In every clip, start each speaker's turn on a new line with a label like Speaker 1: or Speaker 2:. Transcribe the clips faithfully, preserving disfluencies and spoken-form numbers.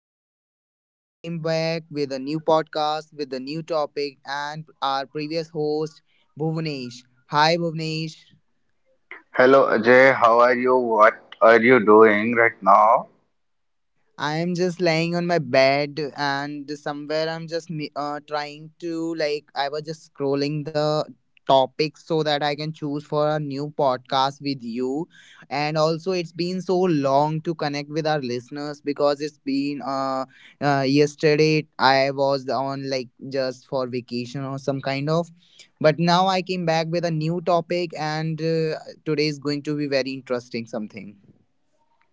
Speaker 1: again, I am came back with a new podcast with a new topic, and our previous host Bhuvnesh. Hi, Bhuvnesh.
Speaker 2: Hello Ajay, how are you? What are you doing right now?
Speaker 1: I am just lying on my bed and somewhere I'm just me- uh, trying to, like, I was just scrolling the topics so that I can choose for a new podcast with you. And also it's been so long to connect with our listeners because it's been uh, uh yesterday I was on, like, just for vacation or some kind of, but now I came back with a new topic, and uh, today is going to be very interesting something.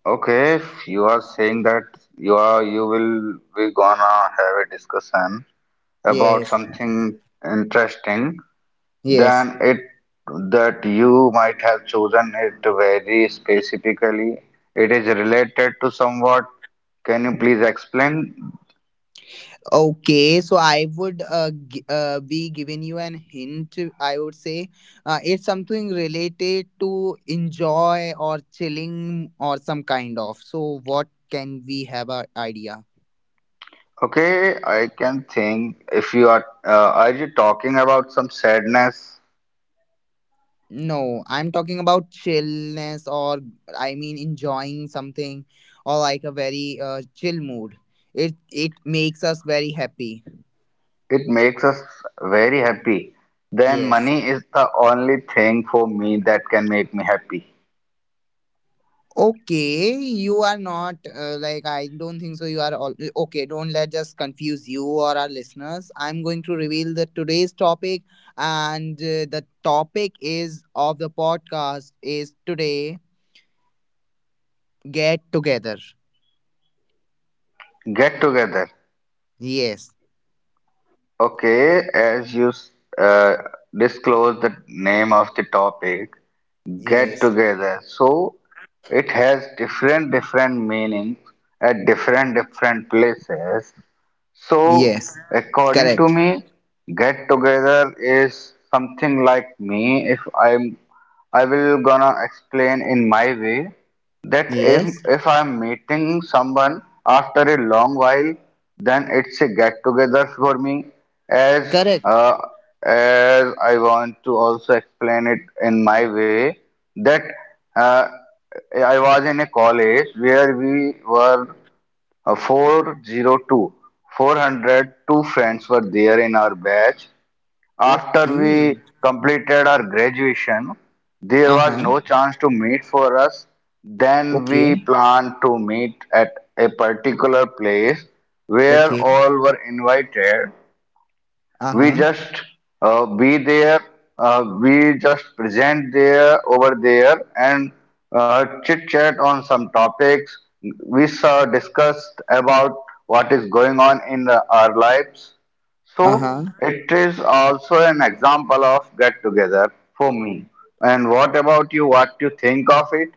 Speaker 2: Okay, if you are saying that you are you will we gonna have a discussion about
Speaker 1: Yes.
Speaker 2: something interesting,
Speaker 1: Yes.
Speaker 2: then it that you might have chosen it very specifically. It is related to somewhat. Can you please explain?
Speaker 1: Okay, so I would uh, gi- uh, be giving you an hint. I would say, uh, it's something related to enjoy or chilling or some kind of. So, what can we have an idea?
Speaker 2: Okay, I can think if you are uh, are you talking about some sadness?
Speaker 1: No, I'm talking about chillness, or I mean enjoying something or like a very uh, chill mood. It it makes us very happy.
Speaker 2: It makes us very happy. Then
Speaker 1: Yes.
Speaker 2: money is the only thing for me that can make me happy.
Speaker 1: Okay, you are not uh, like, I don't think so. You are all okay. Don't let just confuse you or our listeners. I'm going to reveal the today's topic, and uh, the topic is of the podcast is today get together.
Speaker 2: Get together.
Speaker 1: Yes,
Speaker 2: Okay, as you uh, disclose the name of the topic, get
Speaker 1: yes,
Speaker 2: together. So it has different different meanings at different different places.
Speaker 1: yes.
Speaker 2: So, according
Speaker 1: Correct.
Speaker 2: to me, get together is something like me. If I'm, I will gonna explain in my way that if
Speaker 1: Yes,
Speaker 2: if I'm meeting someone after a long while, then it's a get together for me. As
Speaker 1: correct.
Speaker 2: uh, as I want to also explain it in my way that uh, I was in a college where we were four hundred two. four hundred two friends were there in our batch. After
Speaker 1: Okay.
Speaker 2: we completed our graduation, there
Speaker 1: Uh
Speaker 2: was
Speaker 1: huh.
Speaker 2: no chance to meet for us. Then we
Speaker 1: Okay.
Speaker 2: planned to meet at a particular place where
Speaker 1: Okay.
Speaker 2: all were invited.
Speaker 1: Uh
Speaker 2: We
Speaker 1: huh.
Speaker 2: just uh, be there. Uh, we just present there over there and uh, chit chat on some topics. We uh, discussed about what is going on in the, our lives.
Speaker 1: Uh huh.
Speaker 2: So it is also an example of get together for me. And what about you? What you think of it?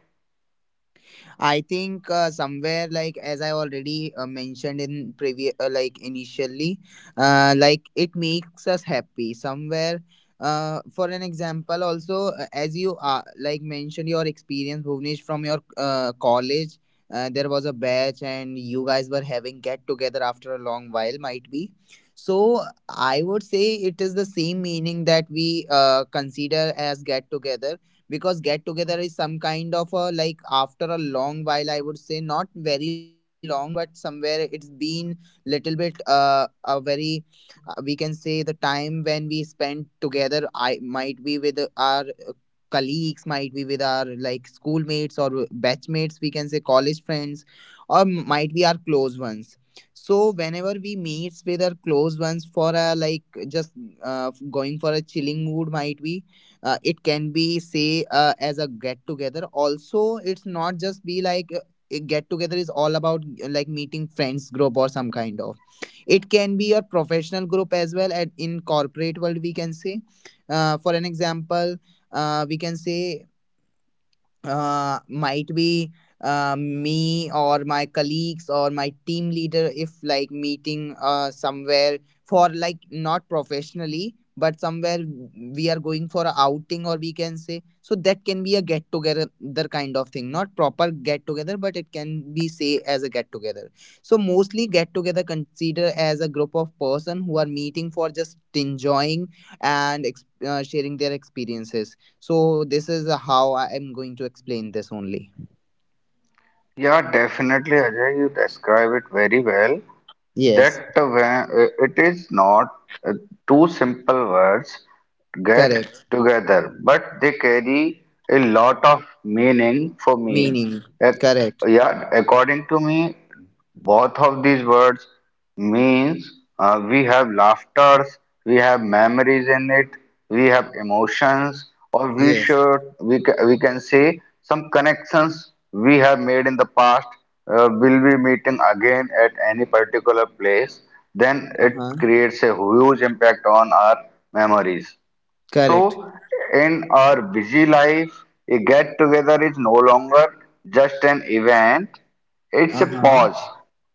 Speaker 1: I think, uh, somewhere, like, as I already uh, mentioned in previous, uh, like, initially, uh, like, it makes us happy somewhere. Uh, for an example, also, uh, as you uh, like mentioned your experience, Bhuvnesh, from your uh, college, uh, there was a batch and you guys were having get together after a long while, might be. So I would say it is the same meaning that we uh, consider as get together, because get together is some kind of a like after a long while. I would say not very long, but somewhere it's been little bit uh, a very, uh, we can say the time when we spend together. I might be with our uh, colleagues, might be with our like schoolmates or batchmates, we can say college friends, or might be our close ones. So whenever we meets with our close ones for a like just uh, going for a chilling mood, might be uh, it can be say uh, as a get together. Also, it's not just be like uh, a get together is all about uh, like meeting friends group or some kind of. It can be a professional group as well, at in corporate world we can say. Uh, for an example, uh, we can say, uh, might be uh, me or my colleagues or my team leader, if like meeting uh, somewhere for like not professionally but somewhere we are going for a outing, or we can say so that can be a get together kind of thing, not proper get together, but it can be say as a get together. So mostly get together consider as a group of person who are meeting for just enjoying and ex- uh, sharing their experiences. So this is how I am going to explain this only.
Speaker 2: Yeah, definitely, Ajay. You describe it very well,
Speaker 1: Yes,
Speaker 2: that when it is not uh, two simple words get
Speaker 1: correct.
Speaker 2: together, but they carry a lot of meaning for me.
Speaker 1: Meaning,
Speaker 2: Ac-
Speaker 1: correct.
Speaker 2: yeah, according to me, both of these words means uh, we have laughters, we have memories in it, we have emotions, or we
Speaker 1: Yes.
Speaker 2: should we, ca- we can say some connections we have made in the past uh, will be meeting again at any particular place, then
Speaker 1: Uh
Speaker 2: it
Speaker 1: huh.
Speaker 2: creates a huge impact on our memories.
Speaker 1: Correct.
Speaker 2: So, in our busy life, a get together is no longer just an event, it's
Speaker 1: Uh
Speaker 2: a
Speaker 1: huh.
Speaker 2: pause.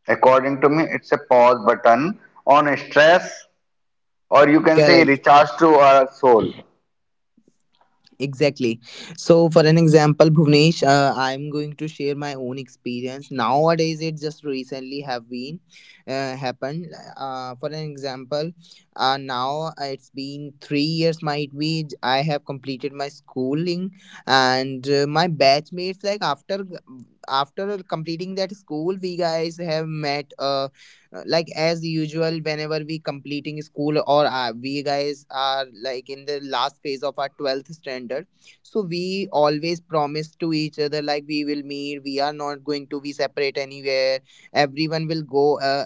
Speaker 2: According to me, it's a pause button on stress, or you can say
Speaker 1: Correct.
Speaker 2: recharge to our soul.
Speaker 1: Exactly. So, for an example, Bhuvnesh, uh, I'm going to share my own experience. Nowadays, it just recently have been uh, happened. Uh, for an example, uh, now it's been three years. Might be j- I have completed my schooling, and uh, my batchmates, like after g- after completing that school, we guys have met. Uh, uh, like as usual, whenever we completing school or uh, we guys are like in the last phase of our twelfth standard. So we always promise to each other like we will meet, we are not going to be separate anywhere, everyone will go uh,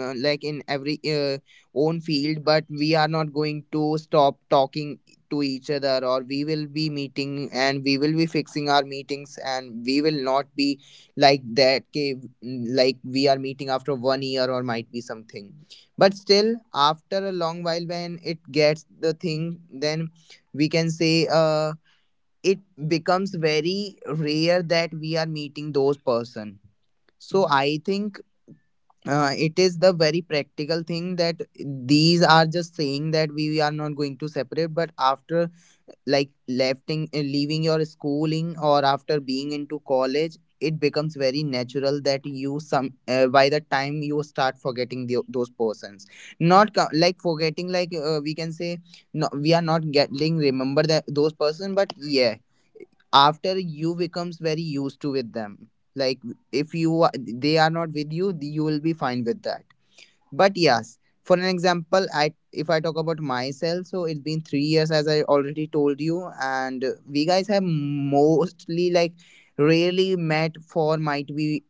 Speaker 1: uh, like in every uh, own field, but we are not going to stop talking to each other, or we will be meeting and we will be fixing our meetings, and we will not be like that, okay, like we are meeting after one year or might be something. But still after a long while when it gets the thing, then we can say uh it becomes very rare that we are meeting those person. So I think, uh, it is the very practical thing that these are just saying that we are not going to separate. But after like lefting uh, leaving your schooling or after being into college, it becomes very natural that you some uh, by the time you start forgetting the, those persons, not co- like forgetting, like, uh, we can say no, we are not getting remember that those person, but yeah, after you becomes very used to with them, like, if you are- they are not with you, you will be fine with that. But yes, for an example, I if I talk about myself, so it's been three years as I already told you. And uh, we guys have mostly like rarely met for, might be,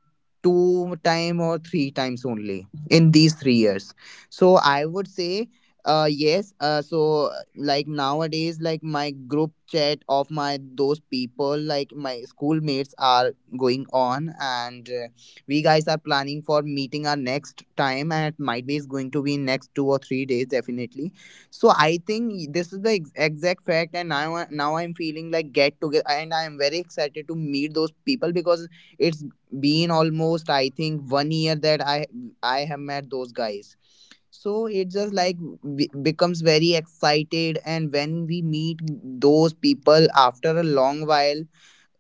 Speaker 1: two time or three times only in these three years. So I would say, uh yes, uh so, uh, like nowadays, like, my group chat of my those people, like, my schoolmates are going on, and uh, we guys are planning for meeting our next time, and it might be is going to be in next two or three days definitely. So I think this is the ex- exact fact, and now I- now I'm feeling like get together, and I am very excited to meet those people because it's been almost, I think, one year that i i have met those guys. So it just like b- becomes very excited. And when we meet those people after a long while,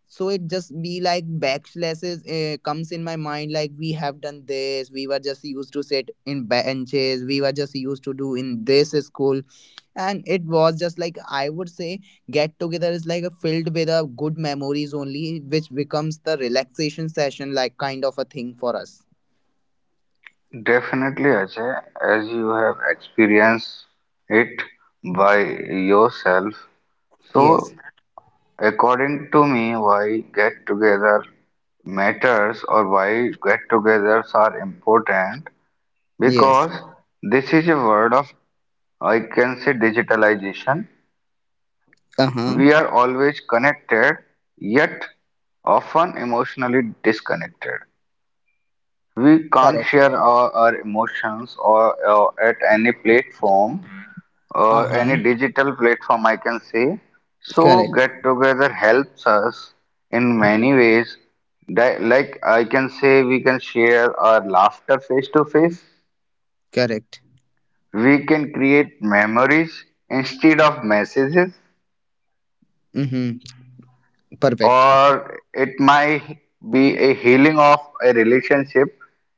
Speaker 1: so it just be like backslashes uh, comes in my mind, like we have done this, we were just used to sit in benches, we were just used to do in this school. And it was just like, I would say, get together is like a filled with a good memories only, which becomes the relaxation session like kind of a thing for us.
Speaker 2: Definitely, Ajay, as you have experienced it by yourself.
Speaker 1: Yes.
Speaker 2: So, according to me, why get together matters, or why get togethers are important?
Speaker 1: Yes.
Speaker 2: Because this is a word of, I can say, digitalization.
Speaker 1: Uh-huh.
Speaker 2: We are always connected, yet often emotionally disconnected. We can't
Speaker 1: Correct.
Speaker 2: share our, our emotions or uh, at any platform, uh, any
Speaker 1: Uh-huh.
Speaker 2: digital platform, I can say. So,
Speaker 1: Correct.
Speaker 2: get together helps us in many ways. Di- Like I can say, we can share our laughter face to face.
Speaker 1: Correct.
Speaker 2: We can create memories instead of messages,
Speaker 1: Mm-hmm. Perfect.
Speaker 2: or it might be a healing of a relationship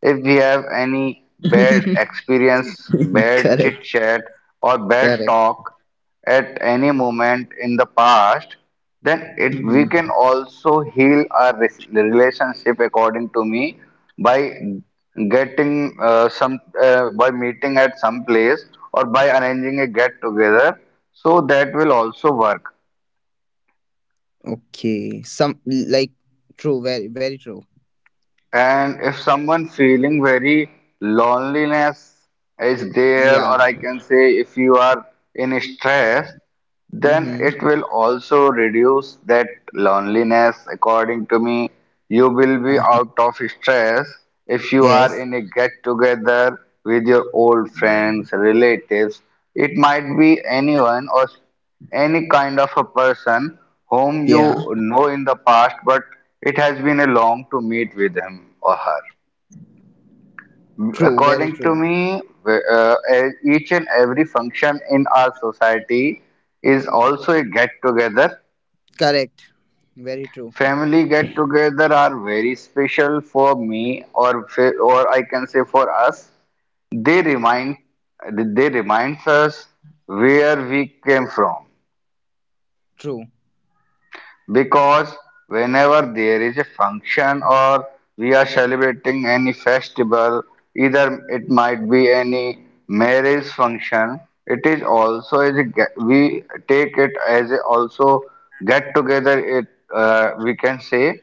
Speaker 2: if we have any bad experience, bad chit
Speaker 1: Correct.
Speaker 2: chat, or bad
Speaker 1: Correct.
Speaker 2: talk at any moment in the past, then it we can
Speaker 1: Mm-hmm.
Speaker 2: also heal our res- relationship according to me, by getting uh, some uh, by meeting at some place or by arranging a get together, so that will also work.
Speaker 1: Okay. Some like true, very very true.
Speaker 2: And if someone feeling very loneliness is there, or
Speaker 1: Yeah.
Speaker 2: I can say if you are in stress, then
Speaker 1: Mm-hmm.
Speaker 2: it will also reduce that loneliness. According to me, you will be
Speaker 1: Uh-huh.
Speaker 2: out of stress if you are
Speaker 1: Yes.
Speaker 2: in a get together with your old friends, relatives. It might be anyone or any kind of a person whom
Speaker 1: Yeah.
Speaker 2: you know in the past, but it has been a long to meet with him or her.
Speaker 1: True, very
Speaker 2: According to
Speaker 1: true.
Speaker 2: me, uh, e, each and every function in our society is also a get together.
Speaker 1: Correct. Very true.
Speaker 2: Family get together are very special for me, or fa- or I can say for us. They remind they reminds us where we came from.
Speaker 1: True.
Speaker 2: Because whenever there is a function, or we are celebrating any festival, either it might be any marriage function, it is also as a get, we take it as a also get together. It uh, We can say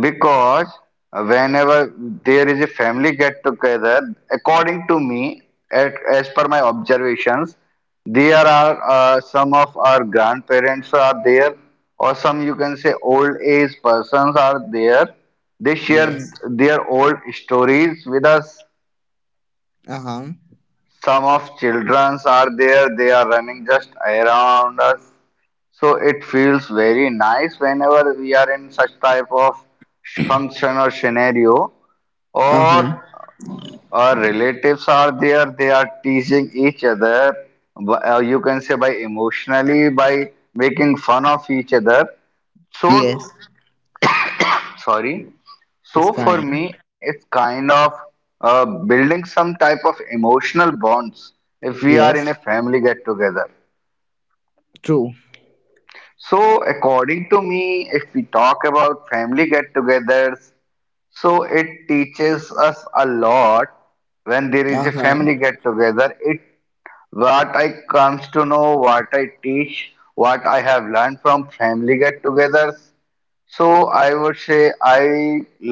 Speaker 2: because whenever there is a family get together, according to me, at, as per my observations, there are uh, some of our grandparents are there, or some you can say old age persons are there, they share
Speaker 1: Yes.
Speaker 2: their old stories with us.
Speaker 1: Uh-huh.
Speaker 2: Some of childrens are there, they are running just around us, so it feels very nice whenever we are in such type of function or scenario, or
Speaker 1: Uh-huh.
Speaker 2: our relatives are there, they are teasing each other, b- uh, you can say by emotionally by making fun of each other. So
Speaker 1: Yes.
Speaker 2: sorry, so
Speaker 1: It's
Speaker 2: for me
Speaker 1: fine.
Speaker 2: it's kind of uh, building some type of emotional bonds if we are in a
Speaker 1: Yes.
Speaker 2: family get together.
Speaker 1: True.
Speaker 2: So according to me, if we talk about family get togethers, so it teaches us a lot. When there is a
Speaker 1: Uh-huh.
Speaker 2: family get together, it — what I comes to know, what I teach, what I have learned from family get-togethers. So I would say I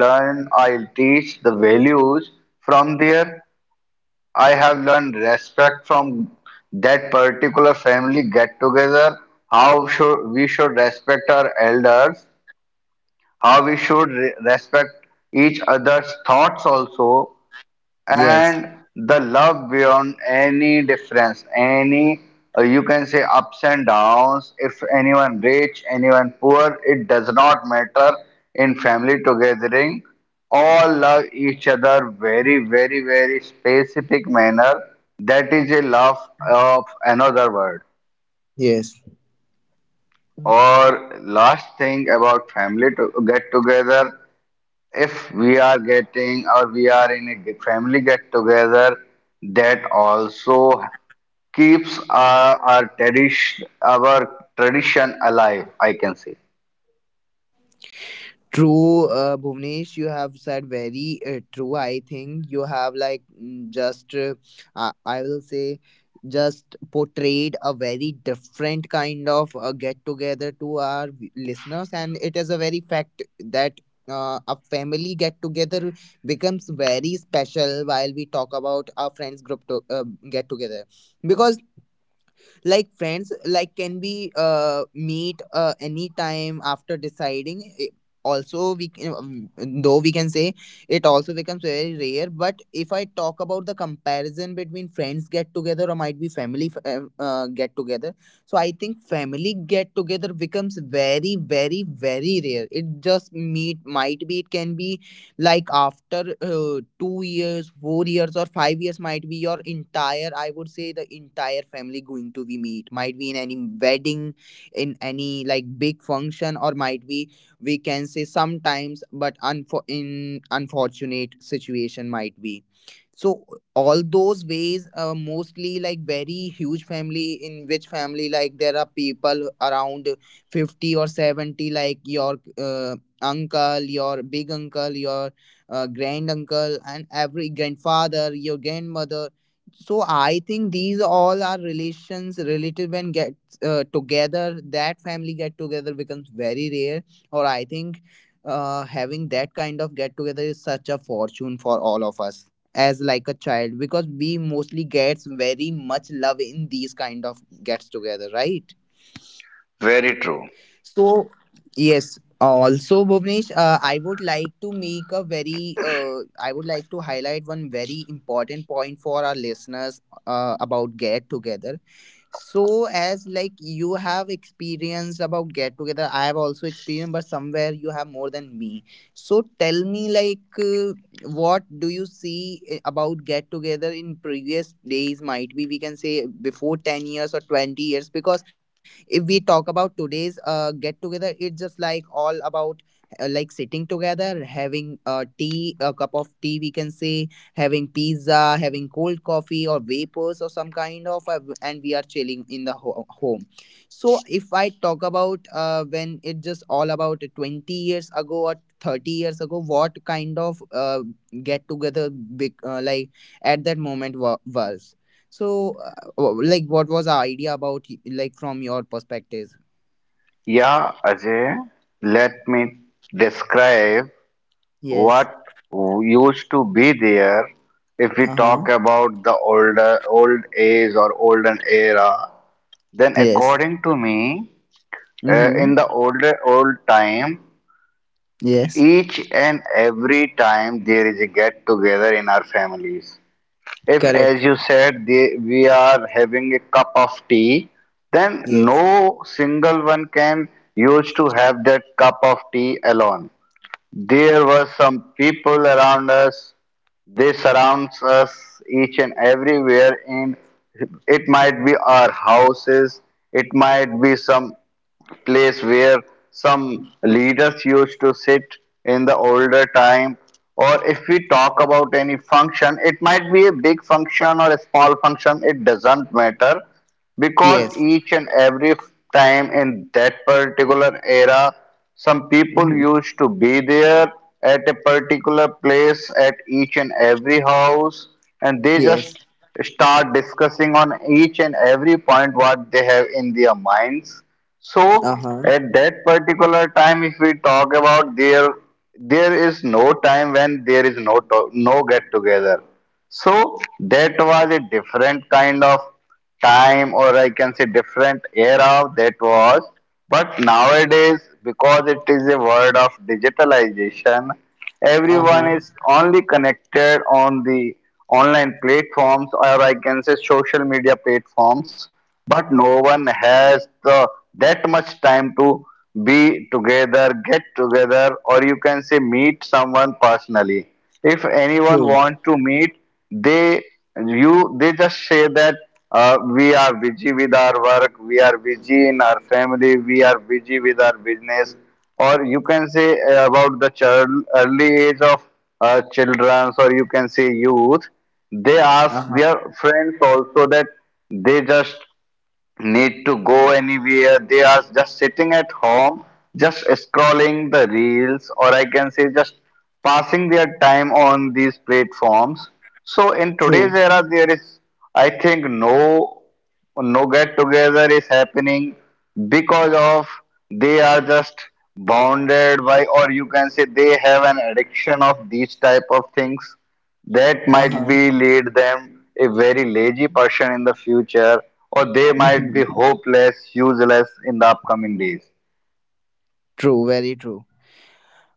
Speaker 2: learn, I teach the values from there. I have learned respect from that particular family get-together. How should we should respect our elders? How we should re- respect each other's thoughts also,
Speaker 1: Yes.
Speaker 2: and the love beyond any difference, any uh, you can say ups and downs, if anyone rich anyone poor, it does not matter, in family togethering all love each other very very very specific manner. That is a love of another word.
Speaker 1: Yes.
Speaker 2: Or last thing about family to get together, if we are getting or we are in a g- family get together, that also keeps our, our tradition, our tradition alive, I can say.
Speaker 1: True, uh, Bhuvnesh, you have said very uh, true. I think you have like mm, just, uh, I I will say, just portrayed a very different kind of uh, get together to our v- listeners, and it is a very fact that. Uh, a family get together becomes very special, while we talk about our friends group to, uh, get together, because like friends like can we uh meet uh anytime after deciding. I- also we can, um, though we can say it also becomes very rare. But if I talk about the comparison between friends get together or might be family f- uh, uh, get together, so I think family get together becomes very very very rare. It just meet, might be it can be like after uh, two years four years or five years. Might be your entire, I would say the entire family, going to be meet, might be in any wedding, in any like big function, or might be we can say sometimes, but unfor- in unfortunate situation might be. So all those ways, uh, mostly like very huge family, in which family like there are people around fifty or seventy, like your uh, uncle, your big uncle, your uh, grand uncle and every grandfather, your grandmother. So I think these all are relations relative, and get uh, together, that family get together becomes very rare. Or I think, uh, having that kind of get together is such a fortune for all of us, as like a child, because we mostly gets very much love in these kind of gets together, right?
Speaker 2: Very true.
Speaker 1: So, yes, also Bhuvnesh, uh, I would like to make a very, uh, I would like to highlight one very important point for our listeners uh, about Get Together. So as like you have experienced about get together, I have also experienced, but somewhere you have more than me. So tell me like, uh, what do you see i- about get together in previous days? Might be we can say before ten years or twenty years, because if we talk about today's uh, get together, it's just like all about uh, like sitting together, having a tea, a cup of tea, we can say having pizza, having cold coffee or vapors or some kind of, uh, and we are chilling in the ho- home. So if I talk about uh, when it just all about twenty years ago or thirty years ago, what kind of uh, get together big uh, like at that moment wa- was. So uh, w- like what was our idea about y- like from your perspective?
Speaker 2: Yeah, Ajay, let me describe
Speaker 1: Yes.
Speaker 2: what used to be there. If we
Speaker 1: Uh-huh.
Speaker 2: talk about the older old age or olden era, then
Speaker 1: Yes.
Speaker 2: according to me, uh, in
Speaker 1: Mm-hmm.
Speaker 2: the older old time,
Speaker 1: Yes.
Speaker 2: each and every time there is a get together in our families. If, as
Speaker 1: Correct.
Speaker 2: you said, they, we are having a cup of tea, then
Speaker 1: Yes.
Speaker 2: no single one can use to have that cup of tea alone. There were some people around us, they surrounds us each and everywhere, and it might be our houses, it might be some place where some leaders used to sit in the older time. Or if we talk about any function, it might be a big function or a small function, it doesn't matter, because
Speaker 1: Yes.
Speaker 2: each and every time in that particular era some people
Speaker 1: Mm-hmm.
Speaker 2: used to be there at a particular place at each and every house, and they
Speaker 1: Yes.
Speaker 2: just start discussing on each and every point what they have in their minds. So
Speaker 1: Uh-huh.
Speaker 2: at that particular time, if we talk about there, there is no time when there is no to- no get together. So that was a different kind of time, or I can say different era that was. But nowadays, because it is a world of digitalization,
Speaker 1: Uh
Speaker 2: everyone
Speaker 1: huh.
Speaker 2: is only connected on the online platforms, or I can say social media platforms. But no one has the that much time to be together, get together, or you can say meet someone personally. If anyone
Speaker 1: True.
Speaker 2: want to meet, they you they just say that uh, we are busy with our work, we are busy in our family, we are busy with our business, or you can say uh, about the child early age of uh, children, or you can say youth. They ask
Speaker 1: Uh huh.
Speaker 2: their friends also that they just need to go anywhere. They are just sitting at home, just scrolling the reels, or I can say just passing their time on these platforms. So in
Speaker 1: True.
Speaker 2: today's era, there is, I think, no no get together is happening because of they are just bounded by, or you can say they have an addiction of these type of things, that
Speaker 1: Uh
Speaker 2: might
Speaker 1: huh.
Speaker 2: be lead them a very lazy person in the future, or they might
Speaker 1: Hmm.
Speaker 2: be hopeless useless in the upcoming days.
Speaker 1: True. Very true.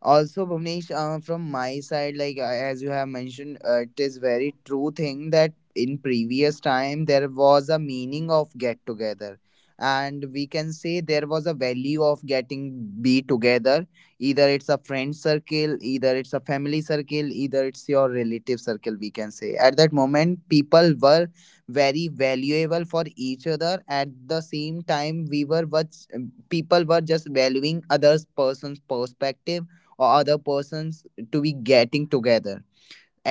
Speaker 1: Also, Bhuvnesh, uh, from my side, like, uh, as you have mentioned, uh, it is very true thing that in previous time there was a meaning of get together, and we can say there was a value of getting be together, either it's a friend circle, either it's a family circle, either it's your relative circle. We can say at that moment people were very valuable for each other. At the same time, we were what, people were just valuing other's person's perspective or other persons to be getting together.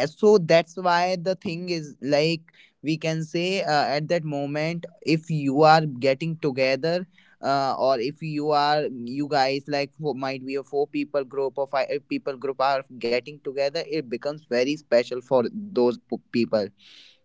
Speaker 1: And so that's why the thing is like, we can say uh, at that moment, if you are getting together uh, or if you are, you guys, like four, might be a four people group or five people group are getting together, it becomes very special for those p- people.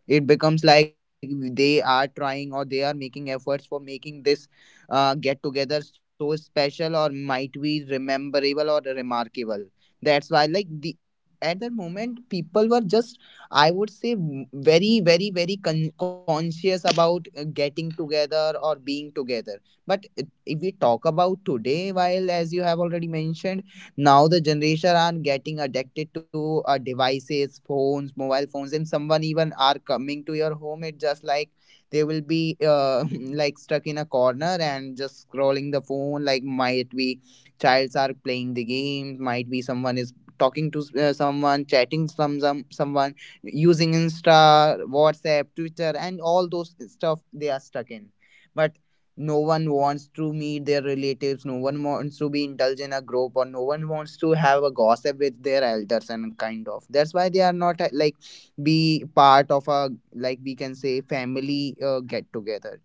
Speaker 1: It becomes like they are trying, or they are making efforts for making this uh, get together so special or might be rememberable or remarkable. That's why, like, the at that moment people were just, I would say, w- very, very, very con- conscious about uh, getting together or being together. But it- if we talk about today, while as you have already mentioned, now the generation are getting addicted to uh, devices, phones, mobile phones, and someone even are coming to your home. It just like they will be uh, like stuck in a corner and just scrolling the phone, like, might be childs are playing the games, might be someone is talking to uh, someone, chatting some, some someone, using insta, whatsapp, twitter, and all those stuff they are stuck in. But no one wants to meet their relatives, no one wants to be indulged in a group, or no one wants to have a gossip with their elders and kind of. That's why they are not uh, like be part of a, like, we can say family uh, get together.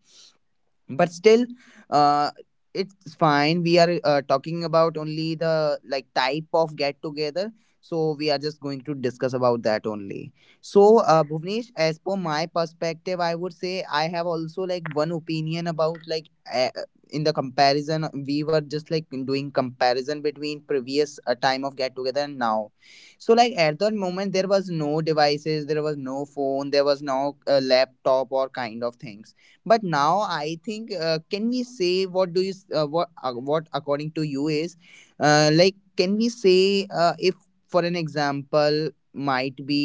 Speaker 1: But still, uh it's fine, we are uh, talking about only the like type of get together, so we are just going to discuss about that only. So uh Bhuvnesh, as per my perspective, I would say I have also like one opinion about like, uh, in the comparison we were just like doing comparison between previous uh, time of get together and now. So like at that moment there was no devices, there was no phone, there was no uh, laptop or kind of things. But now I think uh, can we say what do you s- uh, what uh, what according to you is uh, like, can we say uh, if for an example, might be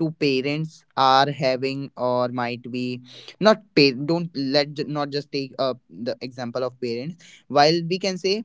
Speaker 1: two parents are having or might be not pay don't let ju- not just take uh, the example of parents, while we can say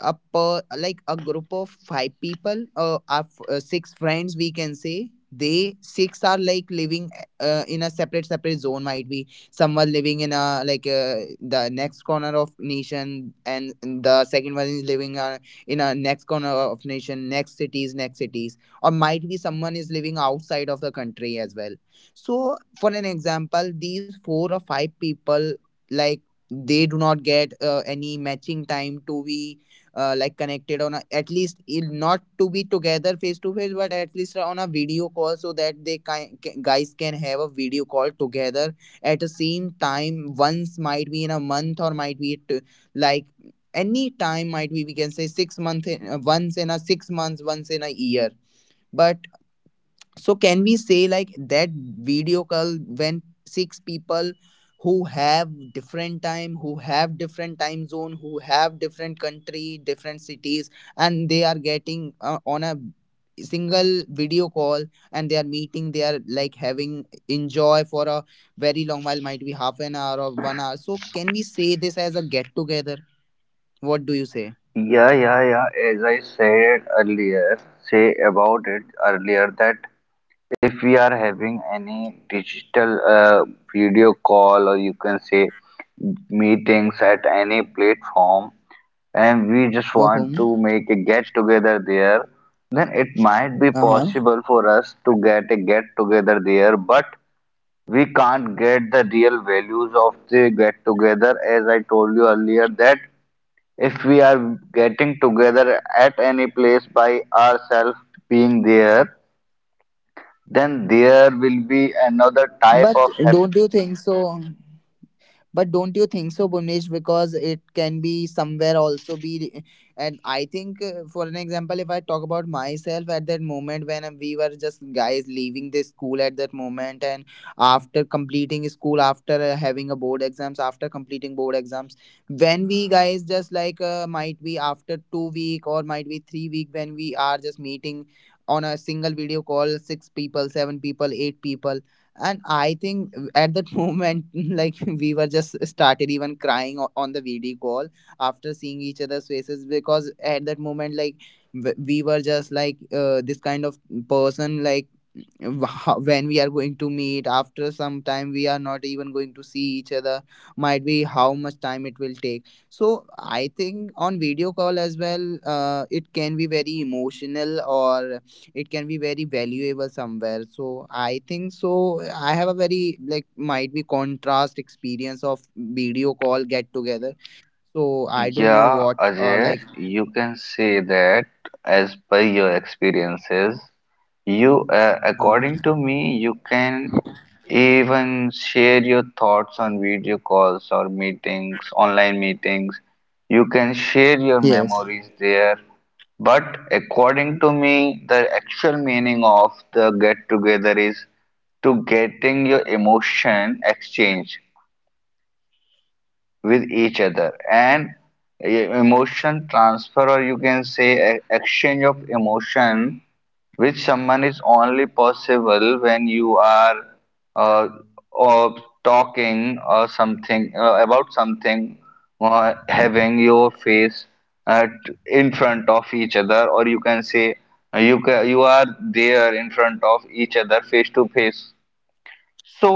Speaker 1: a per, like a group of five people, uh, our f- uh, six friends, we can say they six are like living uh, in a separate separate zone. Might be someone living in a like uh, the next corner of nation, and the second one is living uh, in a next corner of nation, next cities, next cities, or might be someone is living outside of the country as well. So for an example, these four or five people, like, they do not get uh, any matching time to be uh, like connected on a, at least in- not to be together face to face, but at least on a video call, so that they ki- ca- guys can have a video call together at the same time once, might be in a month, or might be t- like any time, might be we can say six months in, uh, once in a six months, once in a year. But so can we say like that video call when six people who have different time, who have different time zone, who have different country, different cities, and they are getting uh, on a single video call, and they are meeting, they are like having enjoy for a very long while, might be half an hour or one hour? So can we say this as a get together, what do you say?
Speaker 2: Yeah, yeah, yeah. As I said earlier, say about it earlier that if we are having any digital uh, video call, or you can say meetings at any platform, and we just want
Speaker 1: Oh.
Speaker 2: to make a get together there, then it might be
Speaker 1: Uh-huh.
Speaker 2: possible for us to get a get together there, but we can't get the real values of the get together. As I told you earlier, that if we are getting together at any place by ourselves being there, then there will be another type
Speaker 1: But
Speaker 2: of happiness.
Speaker 1: don't you think so? But don't you think so, Bhuvnesh? Because it can be somewhere also be, and I think uh, for an example, if I talk about myself at that moment when uh, we were just guys leaving the school at that moment, and after completing school, after uh, having a board exams, after completing board exams, when we guys just like uh, might be after two week or might be three week when we are just meeting on a single video call, six people, seven people, eight people, and I think uh, at that moment like we were just started even crying o- on the video call after seeing each other's faces. Because at that moment, like, w- we were just like uh, this kind of person. Like, wh- when we are going to meet after some time, we are not even going to see each other, might be how much time it will take. So I think on video call as well uh, it can be very emotional, or it can be very valuable somewhere. So I think so, I have a very like might be contrast experience of video call get together. So I don't know
Speaker 2: Yeah,
Speaker 1: what uh,
Speaker 2: Ajay,
Speaker 1: like.
Speaker 2: you can say that as per your experiences. You, uh,
Speaker 1: uh,
Speaker 2: according to me, you can even share your thoughts on video calls or meetings, online meetings. You can share your
Speaker 1: yes.
Speaker 2: memories there. But according to me, the actual meaning of the get together is to getting your emotion exchange with each other, and e- emotion transfer, or you can say e- exchange of emotion, which someone is only possible when you are uh, or talking or something uh, about something, or having your face at, in front of each other, or you can say uh, you ca- you are there in front of each other face to face. So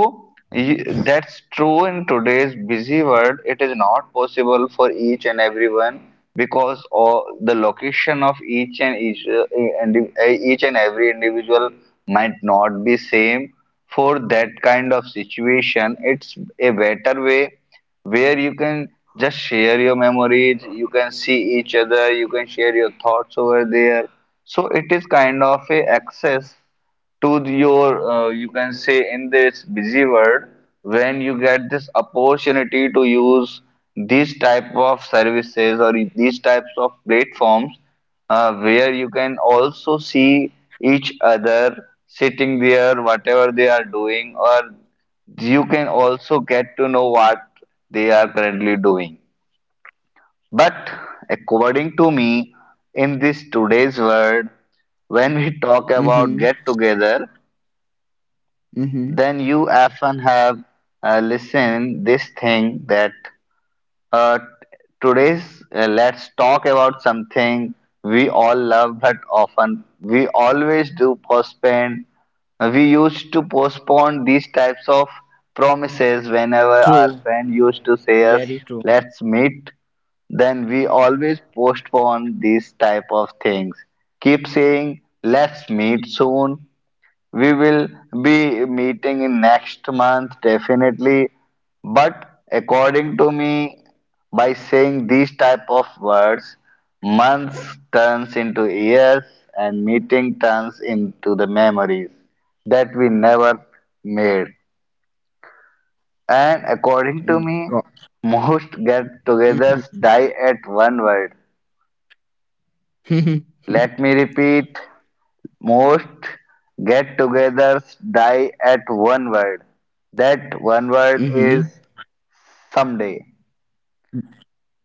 Speaker 2: y- that's true in today's busy world. It is not possible for each and everyone because of the location of each and each, uh, indi- uh, each and every individual might not be same. For that kind of situation, it's a better way where you can just share your memories, you can see each other, you can share your thoughts over there. So it is kind of a access to the- your uh, you can say in this busy world, when you get this opportunity to use these type of services or these types of platforms, uh, where you can also see each other sitting there whatever they are doing, or you can also get to know what they are currently doing. But according to me, in this today's world, when we talk about
Speaker 1: Mhm.
Speaker 2: get together,
Speaker 1: Mhm.
Speaker 2: then you often have uh, listen this thing that uh, today's uh, let's talk about something we all love but often we always do postpone. We used to postpone these types of promises whenever
Speaker 1: True.
Speaker 2: our friend used to say
Speaker 1: Very
Speaker 2: us
Speaker 1: true.
Speaker 2: let's meet. Then we always postpone these type of things, keep saying let's meet soon, we will be meeting in next month definitely. But according to me, by saying these type of words, months turns into years and meeting turns into the memories that we never made. And according to
Speaker 1: Mm.
Speaker 2: me,
Speaker 1: Go-.
Speaker 2: most get togethers
Speaker 1: Mhm.
Speaker 2: die at one word.
Speaker 1: Mhm.
Speaker 2: Let me repeat. Most get-togethers die at one word. That one word is someday.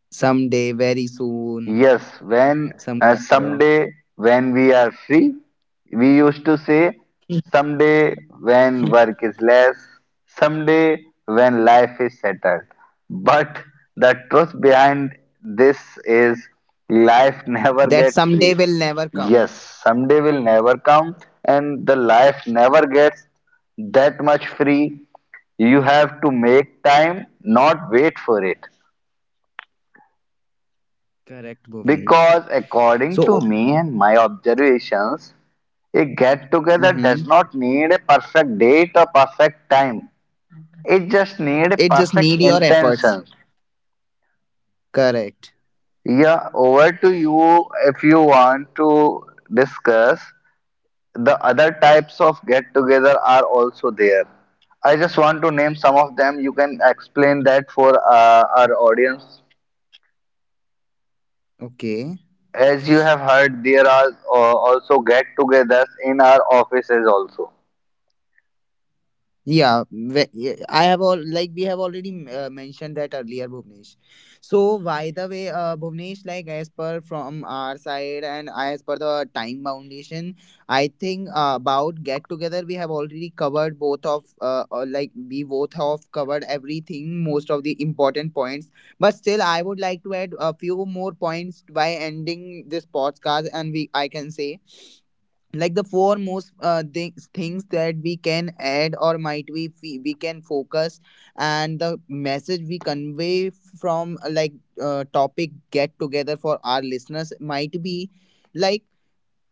Speaker 1: Someday, very soon,
Speaker 2: Yes, when
Speaker 1: some
Speaker 2: uh,
Speaker 1: kind of.
Speaker 2: someday when we are free, we used to say someday when work is less, someday when life is settled. But the truth behind this is life never
Speaker 1: That
Speaker 2: gets
Speaker 1: someday
Speaker 2: free.
Speaker 1: will never come.
Speaker 2: Yes, someday will never come, and the life never gets that much free. You have to make time, not wait for it.
Speaker 1: Correct, Bhuvnesh.
Speaker 2: Because according to
Speaker 1: So,
Speaker 2: me and my observations, a get together does
Speaker 1: mhm.
Speaker 2: not need a perfect date or perfect time. It just needs a
Speaker 1: It just
Speaker 2: perfect
Speaker 1: need your efforts.
Speaker 2: intention.
Speaker 1: Correct.
Speaker 2: Yeah, over to you if you want to discuss. The other types of get together are also there. I just want to name some of them. You can explain that for uh, our audience.
Speaker 1: Okay.
Speaker 2: As you have heard, there are uh, also get togethers in our offices also.
Speaker 1: Yeah, ve- yeah, I have all like we have already m- uh, mentioned that earlier, Bhuvnesh. So by the way, uh, Bhuvnesh, like as per from our side and as per the time foundation, I think uh, about get together we have already covered both of uh, uh, like we both have covered everything, most of the important points. But still, I would like to add a few more points by ending this podcast, and we I can say like the four most uh, things things that we can add or might we fe- we can focus, and the message we convey from uh, like uh, topic get together for our listeners, might be like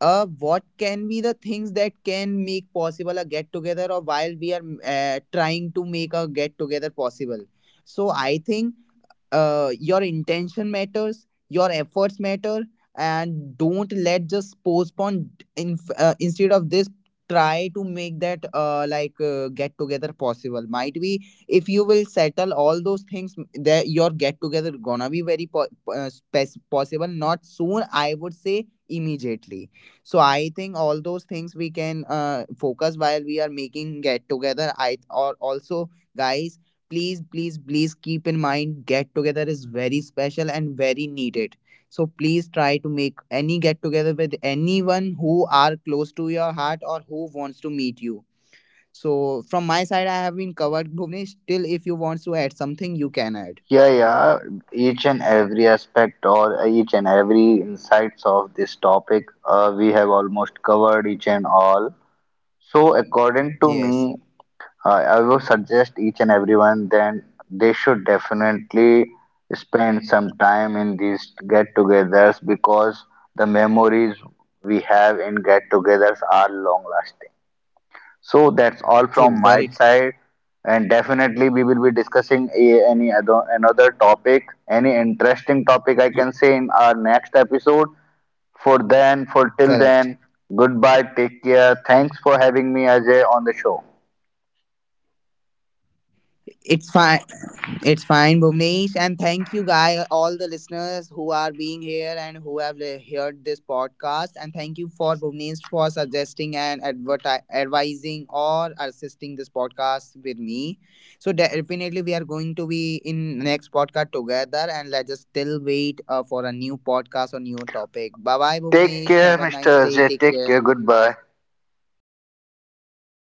Speaker 1: uh what can be the things that can make possible a get together, or while we are mm, uh, trying to make a get together possible. So I think uh, your intention matters, your efforts matter, and don't let just postpone. In uh, instead of this, try to make that uh, like uh, get together possible, might be. If you will settle all those things m- that your get together gonna be very po- uh, spec- possible, not soon, I would say immediately. So I think all those things we can uh, focus while we are making get together. I or also guys, please, please, please keep in mind get together is very special and very needed. So please try to make any get together with anyone who are close to your heart or who wants to meet you. So from my side I have been covered, Bhuvnesh. Still, if you want to add something, you can add.
Speaker 2: Yeah, yeah. Each and every aspect or each and every insights of this topic, uh, we have almost covered each and all. So, according to
Speaker 1: Yes.
Speaker 2: me, uh, I will suggest each and everyone then they should definitely spend some time in these get-togethers, because the memories we have in get-togethers are long-lasting. So that's all
Speaker 1: True.
Speaker 2: from my
Speaker 1: Very
Speaker 2: side, and definitely we will be discussing a, any other another topic, any interesting topic I
Speaker 1: true.
Speaker 2: can say in our next episode. For then, for till
Speaker 1: Correct.
Speaker 2: then, goodbye. Take care. Thanks for having me, Ajay, on the show.
Speaker 1: It's fine. It's fine, Bhuvnesh. And thank you, guy, all the listeners who are being here and who have li- heard this podcast. And thank you for Bhuvnesh for suggesting and adverti- advising or assisting this podcast with me. So definitely we are going to be in next podcast together, and let's just still wait uh, for a new podcast or new topic. Bye-bye,
Speaker 2: Take
Speaker 1: Bhuvnesh. Have
Speaker 2: care,
Speaker 1: a
Speaker 2: mister
Speaker 1: nice day.
Speaker 2: Ajay.
Speaker 1: Take
Speaker 2: Take
Speaker 1: care.
Speaker 2: care. Goodbye.
Speaker 1: Bye.